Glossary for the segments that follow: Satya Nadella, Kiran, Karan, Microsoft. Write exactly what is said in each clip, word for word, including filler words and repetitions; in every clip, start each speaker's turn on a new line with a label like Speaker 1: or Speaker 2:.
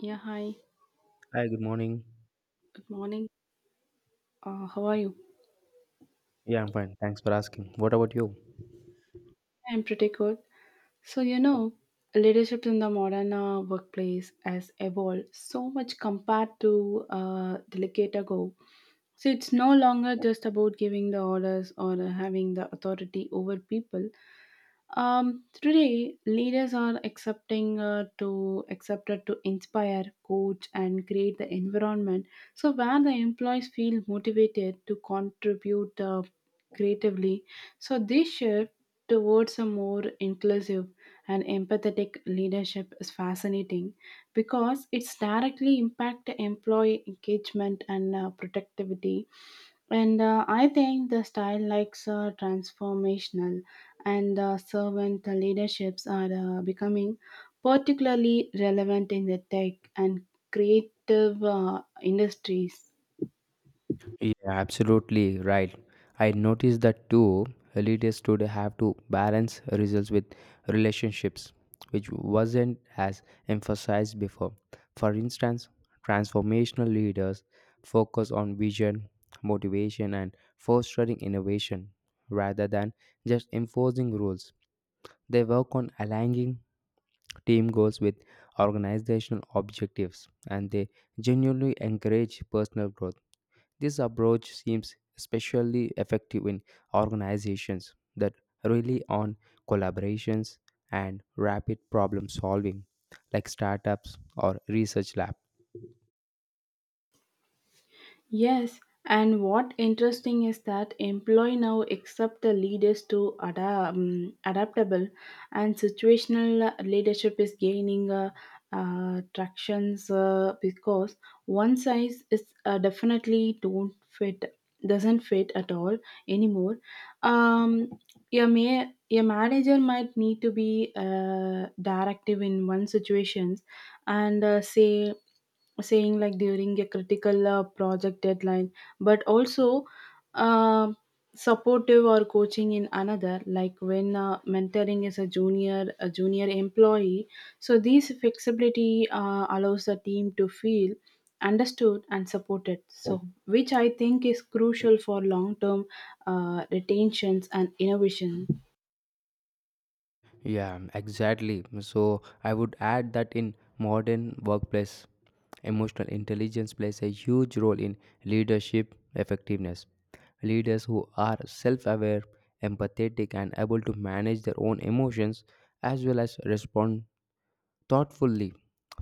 Speaker 1: Yeah, hi.
Speaker 2: Hi, good morning.
Speaker 1: Good morning. Uh, how are you?
Speaker 2: Yeah, I'm fine. Thanks for asking. What about you?
Speaker 1: I'm pretty good. So, you know, leadership in the modern uh, workplace has evolved so much compared to uh, the decade ago. So, it's no longer just about giving the orders or uh, having the authority over people. Um, today, leaders are accepting uh, to accepted to inspire, coach, and create the environment, so where the employees feel motivated to contribute uh, creatively. So this shift towards a more inclusive and empathetic leadership is fascinating because it's directly impact employee engagement and uh, productivity, and uh, I think the style likes uh, transformational and uh, servant leaderships are uh, becoming particularly relevant in the tech and creative uh, industries.
Speaker 2: Yeah, absolutely right. I noticed that too. Leaders today have to balance results with relationships, which wasn't as emphasized before. For instance, transformational leaders focus on vision, motivation, and fostering innovation rather than just enforcing rules. They work on aligning team goals with organizational objectives, and they genuinely encourage personal growth. This approach seems especially effective in organizations that rely on collaborations and rapid problem solving, like startups or research labs.
Speaker 1: Yes, and what interesting is that employee now accept the leaders to ada- um, adaptable, and situational leadership is gaining uh, uh, tractions uh, because one size is uh, definitely don't fit doesn't fit at all anymore. Um, your ma- your manager might need to be uh, directive in one situation and uh, say saying, like during a critical uh, project deadline, but also uh, supportive or coaching in another, like when uh, mentoring is a junior a junior employee. So these flexibility uh, allows the team to feel understood and supported, so which I think is crucial for long term uh, retentions and innovation.
Speaker 2: Yeah, exactly. So I would add that in modern workplace, emotional intelligence plays a huge role in leadership effectiveness. Leaders who are self-aware, empathetic and able to manage their own emotions as well as respond thoughtfully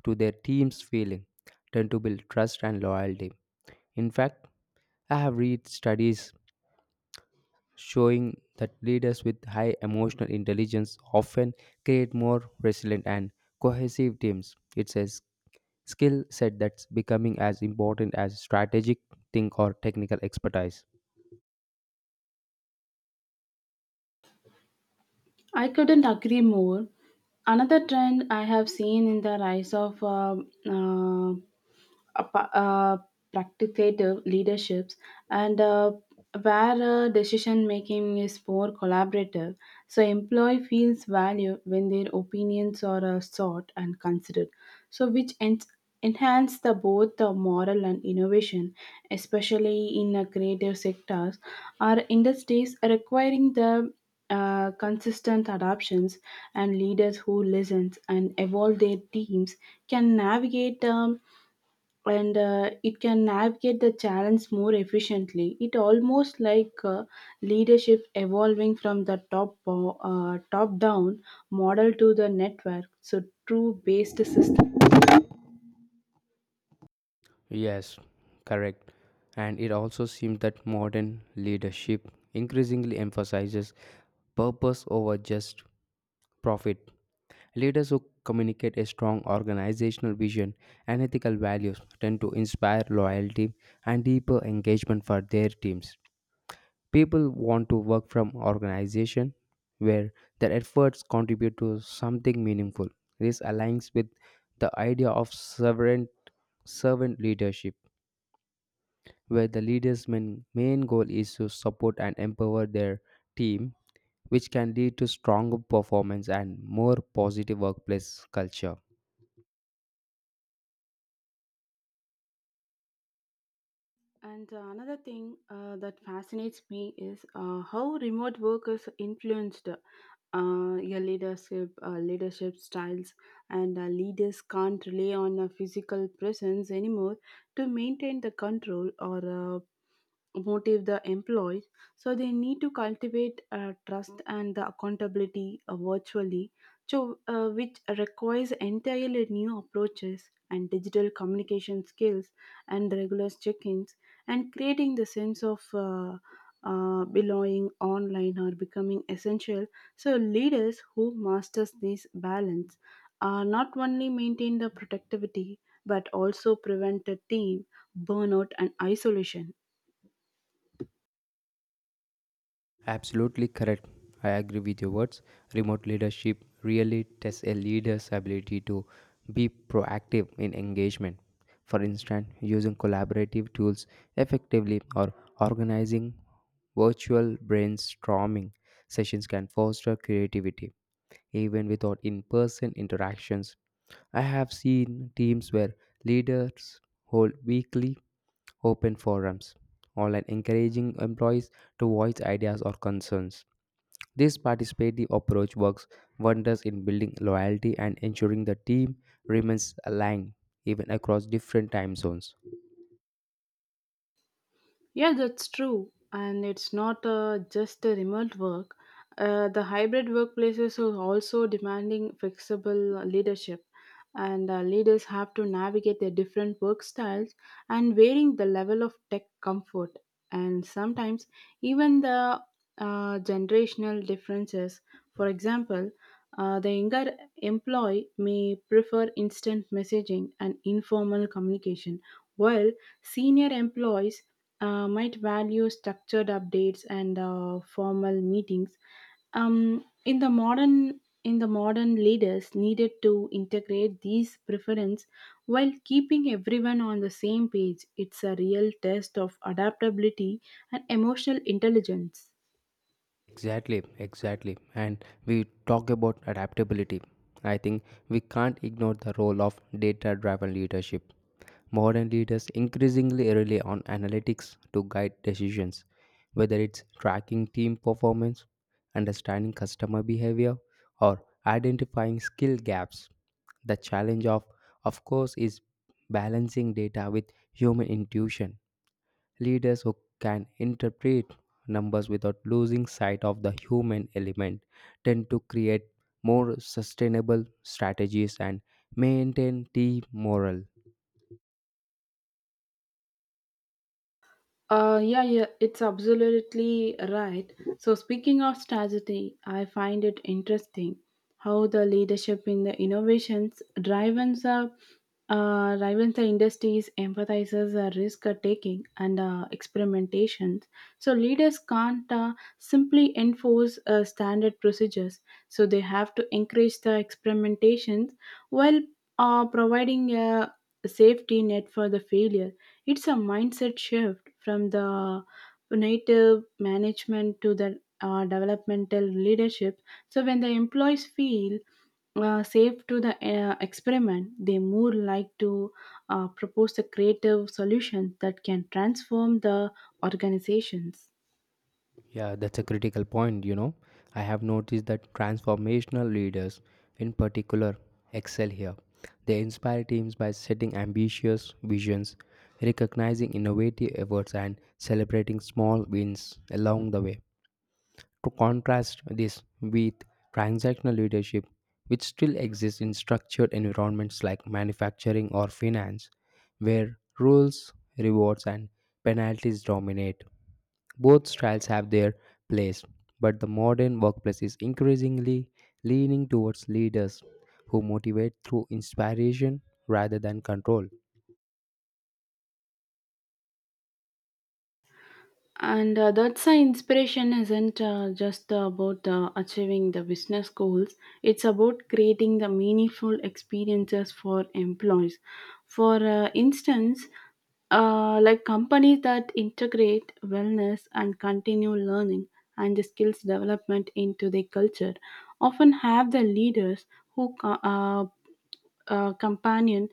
Speaker 2: to their team's feeling tend to build trust and loyalty. In fact, I have read studies showing that leaders with high emotional intelligence often create more resilient and cohesive teams. It's a s- skill set that's becoming as important as strategic think or technical expertise.
Speaker 1: I couldn't agree more. Another trend I have seen in the rise of uh, uh, apa- uh, practicative leaderships, and uh, where uh, decision making is more collaborative, so employee feels value when their opinions are uh, sought and considered, so which en- enhance the both the moral and innovation, especially in uh, creative sectors. Our industries are requiring the uh, consistent adoptions, and leaders who listen and evolve their teams can navigate um, and uh, it can navigate the challenge more efficiently. It almost like uh, leadership evolving from the top uh, top down model to the network so true based system.
Speaker 2: Yes, correct. And it also seems that modern leadership increasingly emphasizes purpose over just profit. Leaders who communicate a strong organizational vision and ethical values tend to inspire loyalty and deeper engagement for their teams. People want to work from organization where their efforts contribute to something meaningful. This aligns with the idea of sovereign servant leadership where the leaders' main, main goal is to support and empower their team, which can lead to stronger performance and more positive workplace culture.
Speaker 1: And uh, another thing uh, that fascinates me is uh, how remote work is influenced, uh, your leadership, uh, leadership styles, and uh, leaders can't rely on a physical presence anymore to maintain the control or uh, motive the employees. So they need to cultivate uh, trust and the accountability uh, virtually, so uh, which requires entirely new approaches and digital communication skills and regular check-ins, and creating the sense of uh, uh, belonging online or becoming essential. So leaders who masters this balance uh, not only maintain the productivity, but also prevent the team burnout and isolation.
Speaker 2: Absolutely correct. I agree with your words. Remote leadership really tests a leader's ability to be proactive in engagement. For instance, using collaborative tools effectively or organizing virtual brainstorming sessions can foster creativity even without in person interactions. I have seen teams where leaders hold weekly open forums online encouraging employees to voice ideas or concerns. This participative approach works wonders in building loyalty and ensuring the team remains aligned even across different time zones.
Speaker 1: Yeah, that's true. And it's not uh, just a remote work. Uh, the hybrid workplaces are also demanding flexible uh, leadership, and uh, leaders have to navigate their different work styles and varying the level of tech comfort. And sometimes even the uh, generational differences. For example, uh, the younger employee may prefer instant messaging and informal communication, while senior employees uh, might value structured updates and uh, formal meetings. Um, in the modern in the modern leaders needed to integrate these preference while keeping everyone on the same page. It's a real test of adaptability and emotional intelligence.
Speaker 2: Exactly, exactly. And we talk about adaptability. I think we can't ignore the role of data driven leadership. Modern leaders increasingly rely on analytics to guide decisions, whether it's tracking team performance, understanding customer behavior, or identifying skill gaps. The challenge of of course is balancing data with human intuition. Leaders who can interpret numbers without losing sight of the human element tend to create more sustainable strategies and maintain team morale.
Speaker 1: Uh, yeah, yeah, it's absolutely right. So, speaking of strategy, I find it interesting how the leadership in the innovations drives the Uh, drives the industries emphasizes the risk taking and uh, experimentations. So leaders can't uh, simply enforce uh, standard procedures. So they have to encourage the experimentations while uh, providing a safety net for the failure. It's a mindset shift from the native management to the uh, developmental leadership. So when the employees feel uh, safe to the uh, experiment, they more like to uh, propose a creative solution that can transform the organizations.
Speaker 2: Yeah, that's a critical point, you know. I have noticed that transformational leaders, in particular, excel here. They inspire teams by setting ambitious visions, recognizing innovative efforts, and celebrating small wins along the way. To contrast this with transactional leadership, which still exists in structured environments like manufacturing or finance, where rules, rewards, and penalties dominate. Both styles have their place, but the modern workplace is increasingly leaning towards leaders who motivate through inspiration rather than control.
Speaker 1: And uh, that's why inspiration isn't uh, just about uh, achieving the business goals, it's about creating the meaningful experiences for employees. For uh, instance, uh, like companies that integrate wellness and continue learning and the skills development into their culture often have the leaders who co- uh, uh, companion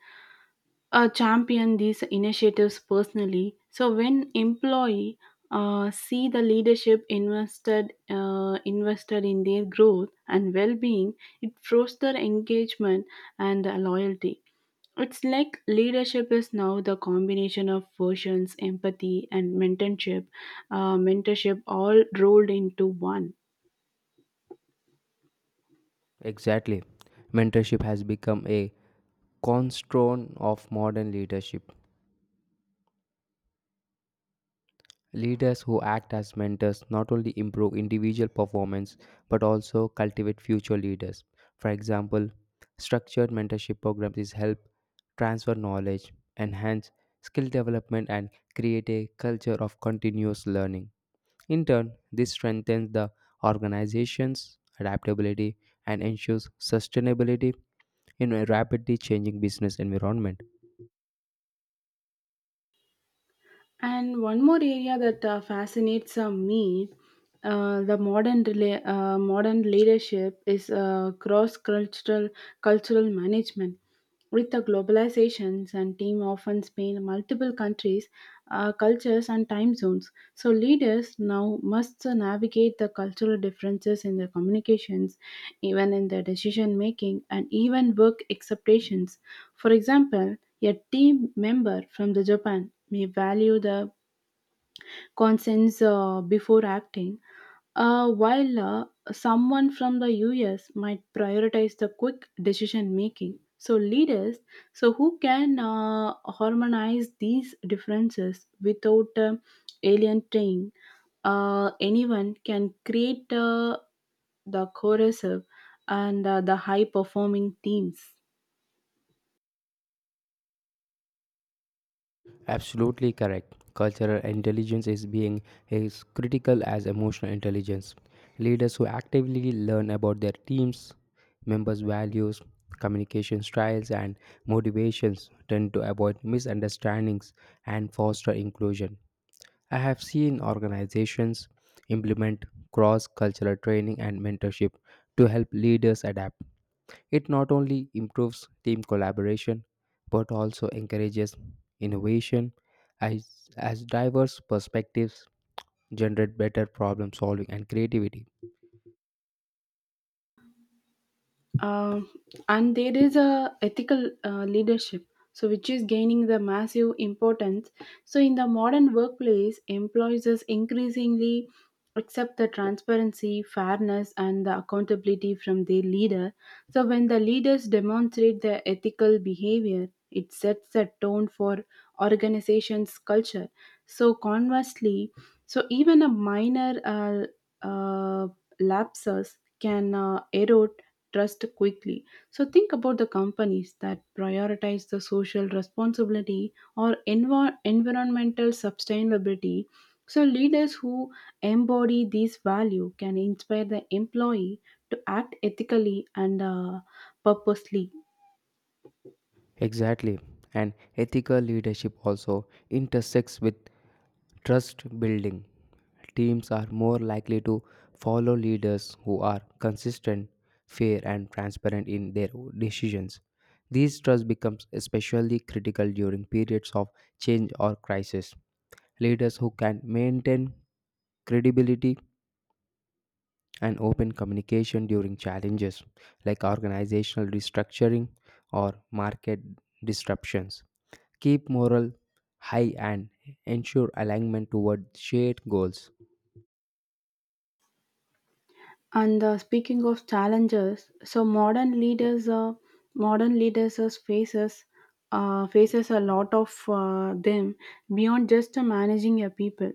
Speaker 1: uh, champion these initiatives personally. So when employee uh, see the leadership invested uh, invested in their growth and well-being, it fosters engagement and uh, loyalty. It's like leadership is now the combination of versions, empathy, and mentorship, uh, mentorship all rolled into one.
Speaker 2: Exactly. Mentorship has become a cornerstone of modern leadership. Leaders who act as mentors not only improve individual performance but also cultivate future leaders. For example, structured mentorship programs is help transfer knowledge, enhance skill development and create a culture of continuous learning. In turn, this strengthens the organization's adaptability and ensures sustainability in a rapidly changing business environment.
Speaker 1: And one more area that uh, fascinates uh, me, uh, the modern rela- uh, modern leadership is uh, cross cultural cultural management. With the globalizations and team often span multiple countries, uh, cultures, and time zones. So leaders now must uh, navigate the cultural differences in their communications, even in their decision making, and even work expectations. For example, a team member from the Japan we value the consents uh, before acting. Uh, while uh, someone from the U S might prioritize the quick decision making. So, leaders, so who can uh, harmonize these differences without uh, alienating uh, anyone can create uh, the cohesive and uh, the high performing teams.
Speaker 2: Absolutely correct. Cultural intelligence is being as critical as emotional intelligence. Leaders who actively learn about their teams, members' values, communication styles, and motivations tend to avoid misunderstandings and foster inclusion. I have seen organizations implement cross cultural training and mentorship to help leaders adapt. It not only improves team collaboration but also encourages innovation as, as diverse perspectives generate better problem solving and creativity.
Speaker 1: Um, and there is a ethical uh, leadership, so which is gaining the massive importance. So in the modern workplace employees is increasingly accept the transparency, fairness, and the accountability from their leader. So when the leaders demonstrate their ethical behavior it sets a tone for organization's culture. So conversely, so even a minor uh, uh, lapses can uh, erode trust quickly. So think about the companies that prioritize the social responsibility or envir- environmental sustainability. So leaders who embody these value can inspire the employee to act ethically and uh, purposely.
Speaker 2: Exactly. And ethical leadership also intersects with trust building. Teams are more likely to follow leaders who are consistent, fair, and transparent in their decisions. This trust becomes especially critical during periods of change or crisis. Leaders who can maintain credibility and open communication during challenges like organizational restructuring or market disruptions keep morale high and ensure alignment toward shared goals.
Speaker 1: And uh, speaking of challenges, so modern leaders, uh, modern leaders as faces uh, faces a lot of uh, them beyond just uh, managing a people.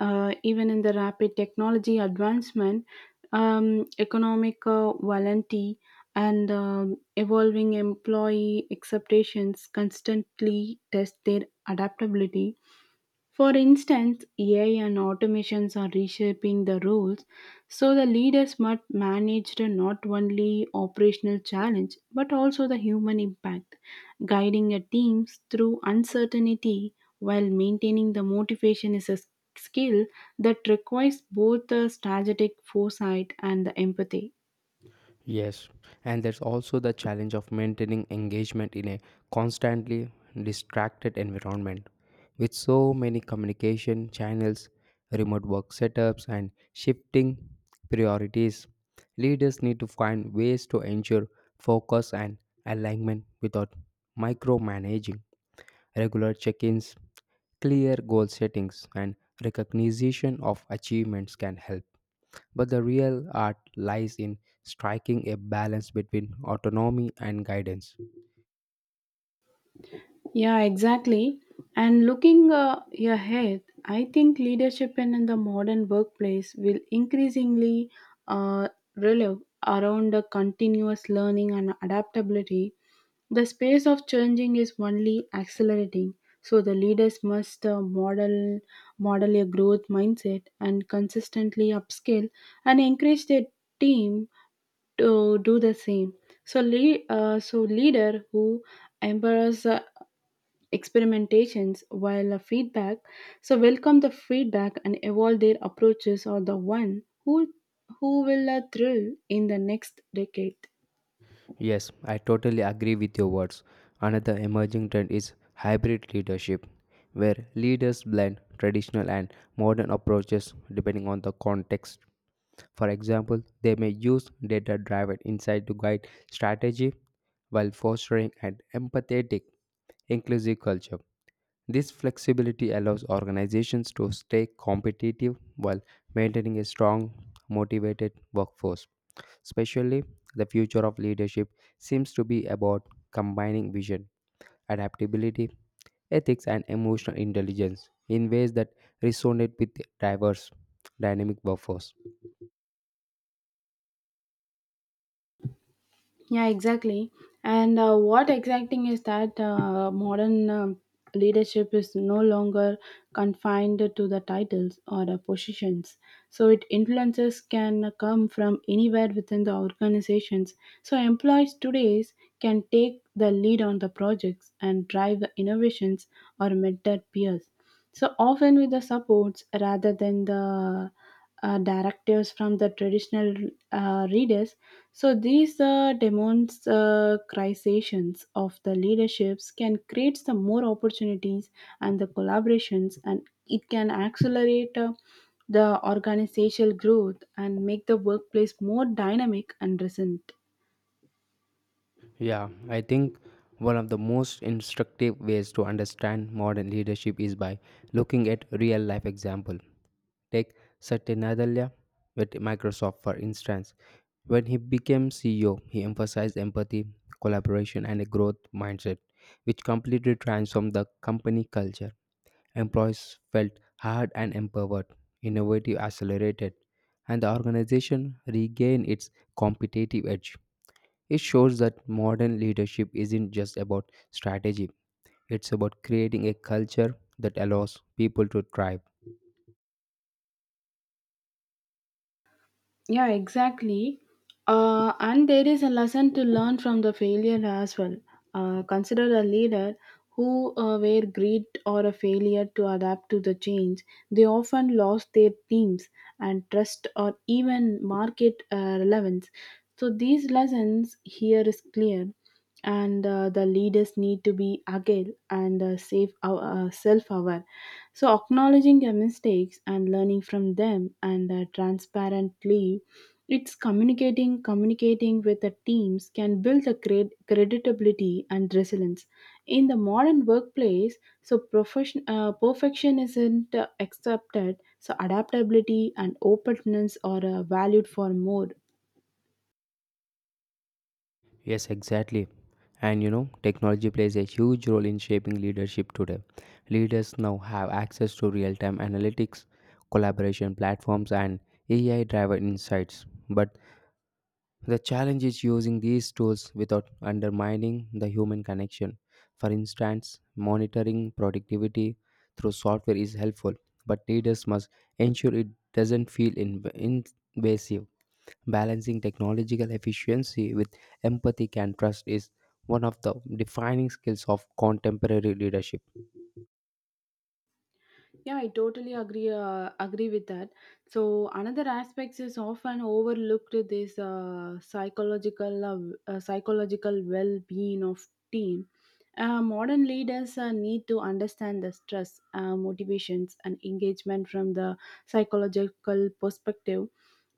Speaker 1: Uh, even in the rapid technology advancement, um, economic uh, volatility, and um, evolving employee expectations constantly test their adaptability. For instance, A I and automations are reshaping the rules, so the leaders must manage the not only operational challenge but also the human impact. Guiding your teams through uncertainty while maintaining the motivation is a s- skill that requires both the strategic foresight and the empathy.
Speaker 2: Yes, and there's also the challenge of maintaining engagement in a constantly distracted environment. With so many communication channels, remote work setups, and shifting priorities, leaders need to find ways to ensure focus and alignment without micromanaging. Regular check ins, clear goal settings and recognition of achievements can help, but the real art lies in striking a balance between autonomy and guidance.
Speaker 1: Yeah, exactly. And looking uh, ahead, I think leadership in the modern workplace will increasingly uh, revolve around the continuous learning and adaptability. The space of changing is only accelerating, so the leaders must uh, model model a growth mindset and consistently upskill and encourage their team to do the same. So, le- uh, so leader who embrace experimentations while a feedback, so welcome the feedback and evolve their approaches, or the one who who will uh, thrill in the next decade.
Speaker 2: Yes, I totally agree with your words. Another emerging trend is hybrid leadership, where leaders blend traditional and modern approaches depending on the context. For example, they may use data driven insight to guide strategy while fostering an empathetic, inclusive culture. This flexibility allows organizations to stay competitive while maintaining a strong, motivated workforce. Especially, the future of leadership seems to be about combining vision, adaptability, ethics, and emotional intelligence in ways that resonate with diverse, dynamic workforce.
Speaker 1: Yeah, exactly. And uh, what exacting is that uh, modern um leadership is no longer confined to the titles or the positions. So it influences can come from anywhere within the organizations. So employees today can take the lead on the projects and drive the innovations or mentor peers, so often with the supports rather than the uh, directives from the traditional uh, readers. So these uh, demonstrations of the leaderships can create some more opportunities and the collaborations, and it can accelerate uh, the organizational growth and make the workplace more dynamic and resilient.
Speaker 2: Yeah, I think one of the most instructive ways to understand modern leadership is by looking at real life example. Take Satya Nadella with Microsoft, for instance. When he became C E O, he emphasized empathy, collaboration, and a growth mindset, which completely transformed the company culture. Employees felt heard and empowered, innovative accelerated, and the organization regained its competitive edge. It shows that modern leadership isn't just about strategy, it's about creating a culture that allows people to thrive.
Speaker 1: Yeah, exactly. Uh, and there is a lesson to learn from the failure as well. Uh, consider a leader who uh, were greed or a failure to adapt to the change. They often lost their teams and trust, or even market uh, relevance. So these lessons here is clear, and uh, the leaders need to be agile and uh, safe, uh, self-aware. So, acknowledging your mistakes and learning from them, and uh, transparently, it's communicating, communicating with the teams can build the cred- credibility and resilience. In the modern workplace, so profession, uh, perfection isn't uh, accepted, so adaptability and openness are uh, valued for more.
Speaker 2: Yes, exactly. And you know, technology plays a huge role in shaping leadership today. Leaders now have access to real time analytics, collaboration platforms, and A I driven insights. But the challenge is using these tools without undermining the human connection. For instance, monitoring productivity through software is helpful, but leaders must ensure it doesn't feel inv- invasive. Balancing technological efficiency with empathy and trust is one of the defining skills of contemporary leadership.
Speaker 1: Yeah, I totally agree uh, agree with that. So another aspect is often overlooked this uh, psychological uh, w- uh, psychological well-being of team. Uh, modern leaders uh, need to understand the stress, uh, motivations, and engagement from the psychological perspective.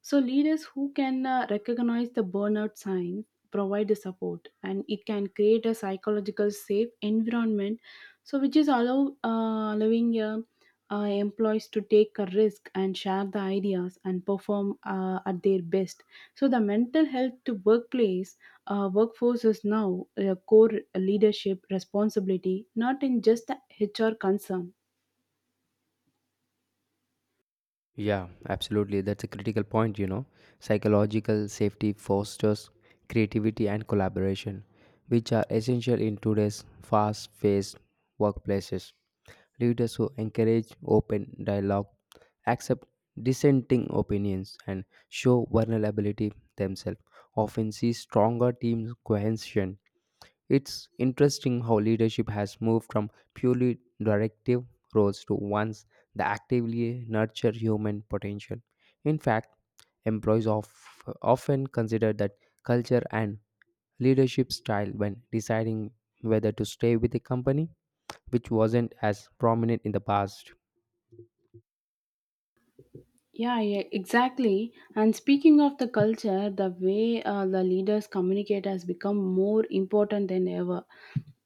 Speaker 1: So leaders who can uh, recognize the burnout sign, provide the support, and it can create a psychological safe environment, so which is allow uh, allowing a uh, employees to take a risk and share the ideas and perform uh, at their best. So the mental health to workplace uh, workforce is now a core leadership responsibility, not in just the H R concern.
Speaker 2: Yeah, absolutely. That's a critical point, you know. Psychological safety fosters creativity and collaboration, which are essential in today's fast paced workplaces. Leaders who encourage open dialogue, accept dissenting opinions, and show vulnerability themselves often see stronger team cohesion. It's interesting how leadership has moved from purely directive roles to ones that actively nurture human potential. In fact, employees of, often consider that culture and leadership style when deciding whether to stay with a company, which wasn't as prominent in the past.
Speaker 1: Yeah, yeah, exactly. And speaking of the culture, the way uh, the leaders communicate has become more important than ever.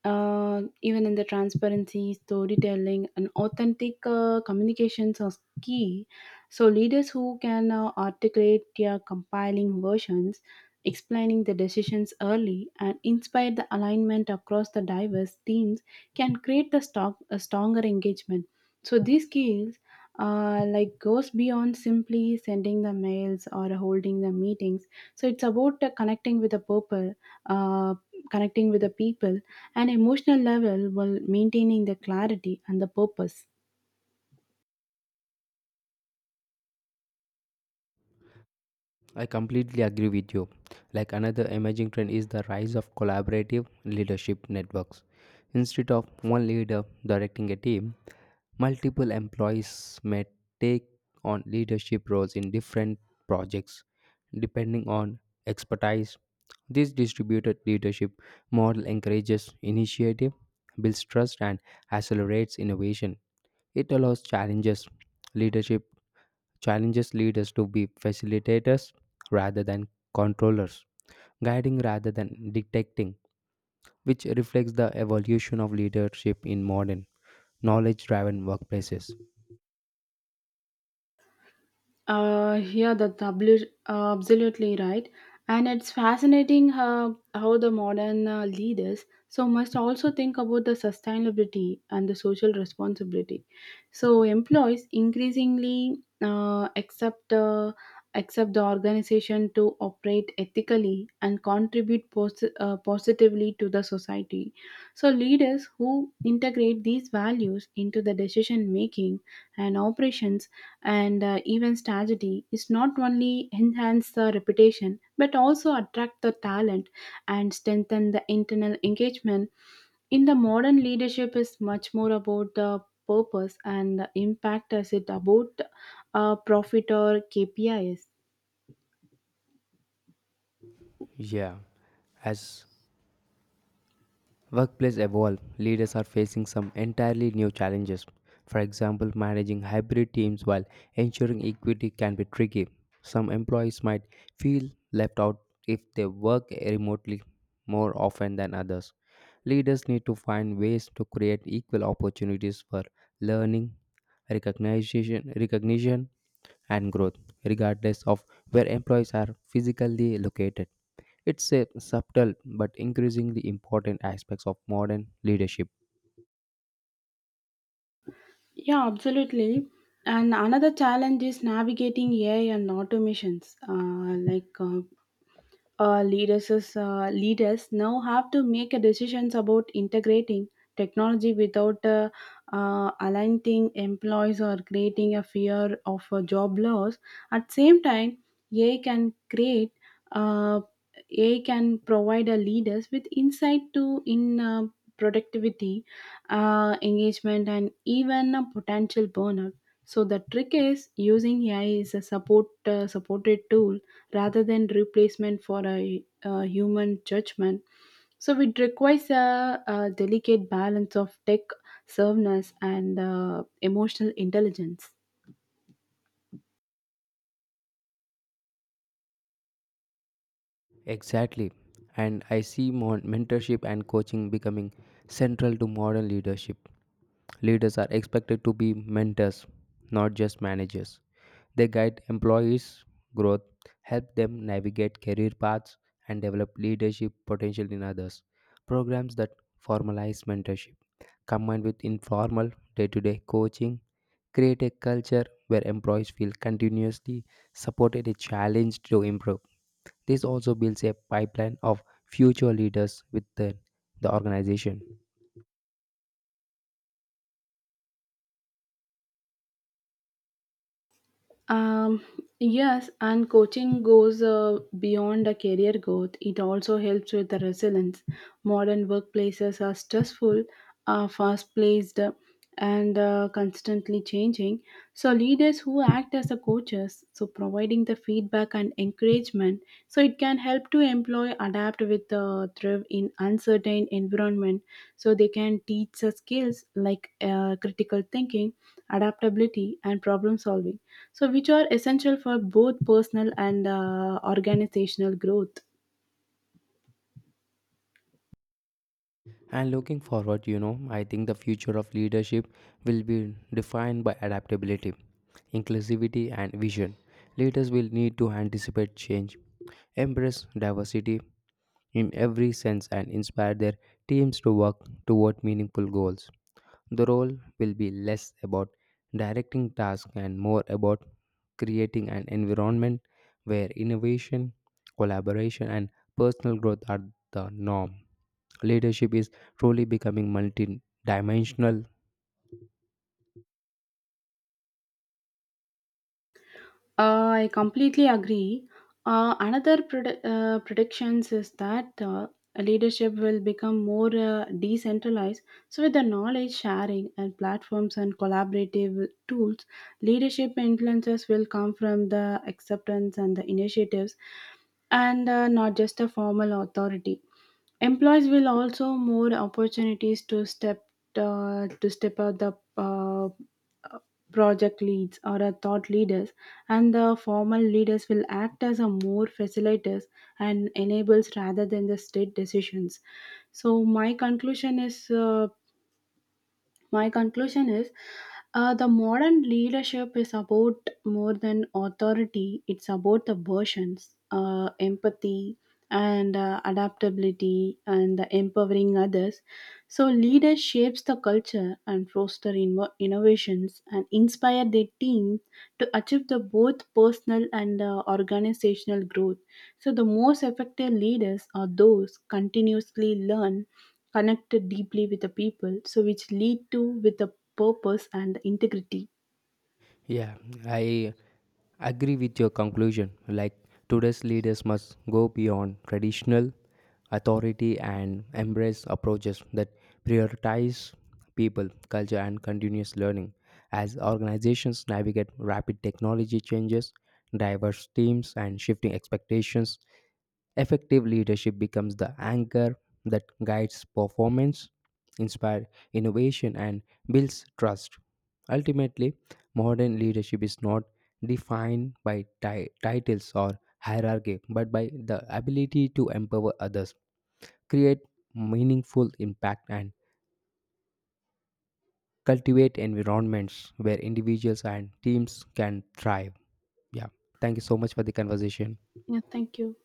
Speaker 1: Uh, even in the transparency, storytelling, and authentic uh, communications are key. So, leaders who can uh, articulate their compiling versions, explaining the decisions early, and inspire the alignment across the diverse teams can create the stock, a stronger engagement. So these skills uh, like goes beyond simply sending the mails or holding the meetings. So it's about uh, connecting with the purple, uh, connecting with the people, and emotional level while maintaining the clarity and the purpose.
Speaker 2: I completely agree with you. Like another emerging trend is the rise of collaborative leadership networks. Instead of one leader directing a team, multiple employees may take on leadership roles in different projects depending on expertise. This distributed leadership model encourages initiative, builds trust, and accelerates innovation. It allows challenges, leadership Challenges lead us to be facilitators rather than controllers, guiding rather than detecting, which reflects the evolution of leadership in modern, knowledge driven workplaces.
Speaker 1: Uh, yeah, that's abli- uh, absolutely right. And it's fascinating how, how the modern uh, leaders so must also think about the sustainability and the social responsibility. So employees increasingly uh, accept uh, accept the organization to operate ethically and contribute pos- uh, positively to the society. So leaders who integrate these values into the decision making and operations, and uh, even strategy is not only enhance the reputation but also attract the talent and strengthen the internal engagement. In the modern leadership is much more about the purpose and the impact as it about uh, profit or K P I s.
Speaker 2: Yeah, as workplace evolve, leaders are facing some entirely new challenges. For example, managing hybrid teams while ensuring equity can be tricky. Some employees might feel left out if they work remotely more often than others. Leaders need to find ways to create equal opportunities for learning, recognition, recognition and growth, regardless of where employees are physically located. It's a subtle but increasingly important aspects of modern leadership.
Speaker 1: Yeah, absolutely. And another challenge is navigating A I and automations, uh, like uh, uh, leaders is, uh, leaders now have to make a decisions about integrating technology without uh, uh, aligning employees or creating a fear of a job loss. At same time ai can create uh, AI can provide a leaders with insight to in uh, productivity, uh, engagement, and even a potential burnout. So the trick is using A I is a support uh, supported tool rather than replacement for a, uh human judgment. So it requires a, a delicate balance of tech serveness and uh, emotional intelligence.
Speaker 2: Exactly. And I see mon- mentorship and coaching becoming central to modern leadership. Leaders are expected to be mentors, not just managers. They guide employees' growth, help them navigate career paths, and develop leadership potential in others. Programs that formalize mentorship combined with informal day to day coaching create a culture where employees feel continuously supported and challenged to improve. This also builds a pipeline of future leaders within the organization.
Speaker 1: Um, yes, and coaching goes uh, beyond a career growth. It also helps with the resilience. Modern workplaces are stressful, are fast paced, and uh, constantly changing. So leaders who act as the coaches, so providing the feedback and encouragement, so it can help to employ adapt with the thrive in uncertain environment. So they can teach the skills like uh, critical thinking, adaptability, and problem solving, so which are essential for both personal and uh, organizational growth.
Speaker 2: And looking forward, you know, I think the future of leadership will be defined by adaptability, inclusivity, and vision. Leaders will need to anticipate change, embrace diversity in every sense, and inspire their teams to work toward meaningful goals. The role will be less about directing tasks and more about creating an environment where innovation, collaboration, and personal growth are the norm. Leadership is truly becoming multidimensional.
Speaker 1: Uh, I completely agree. Uh, another pred- uh, predictions is that uh, leadership will become more uh, decentralized. So, with the knowledge sharing and platforms and collaborative tools, leadership influences will come from the acceptance and the initiatives, and uh, not just a formal authority. Employees will also more opportunities to step uh, to step out the uh, project leads or a thought leaders, and the formal leaders will act as a more facilitators and enables rather than the state decisions. So my conclusion is uh, my conclusion is uh, the modern leadership is about more than authority, it's about the versions, uh, empathy, and uh, adaptability, and the empowering others. So leaders shapes the culture and foster inno- innovations and inspire their teams to achieve the both personal and uh, organizational growth. So the most effective leaders are those continuously learn, connected deeply with the people, so which lead to with the purpose and integrity.
Speaker 2: Yeah, I agree with your conclusion. Like today's leaders must go beyond traditional authority and embrace approaches that prioritize people, culture, and continuous learning. As organizations navigate rapid technology changes, diverse teams, and shifting expectations, effective leadership becomes the anchor that guides performance, inspires innovation, and builds trust. Ultimately, modern leadership is not defined by ti- titles or hierarchy, but by the ability to empower others, create meaningful impact, and cultivate environments where individuals and teams can thrive. Yeah, thank you so much for the conversation.
Speaker 1: Yeah, thank you.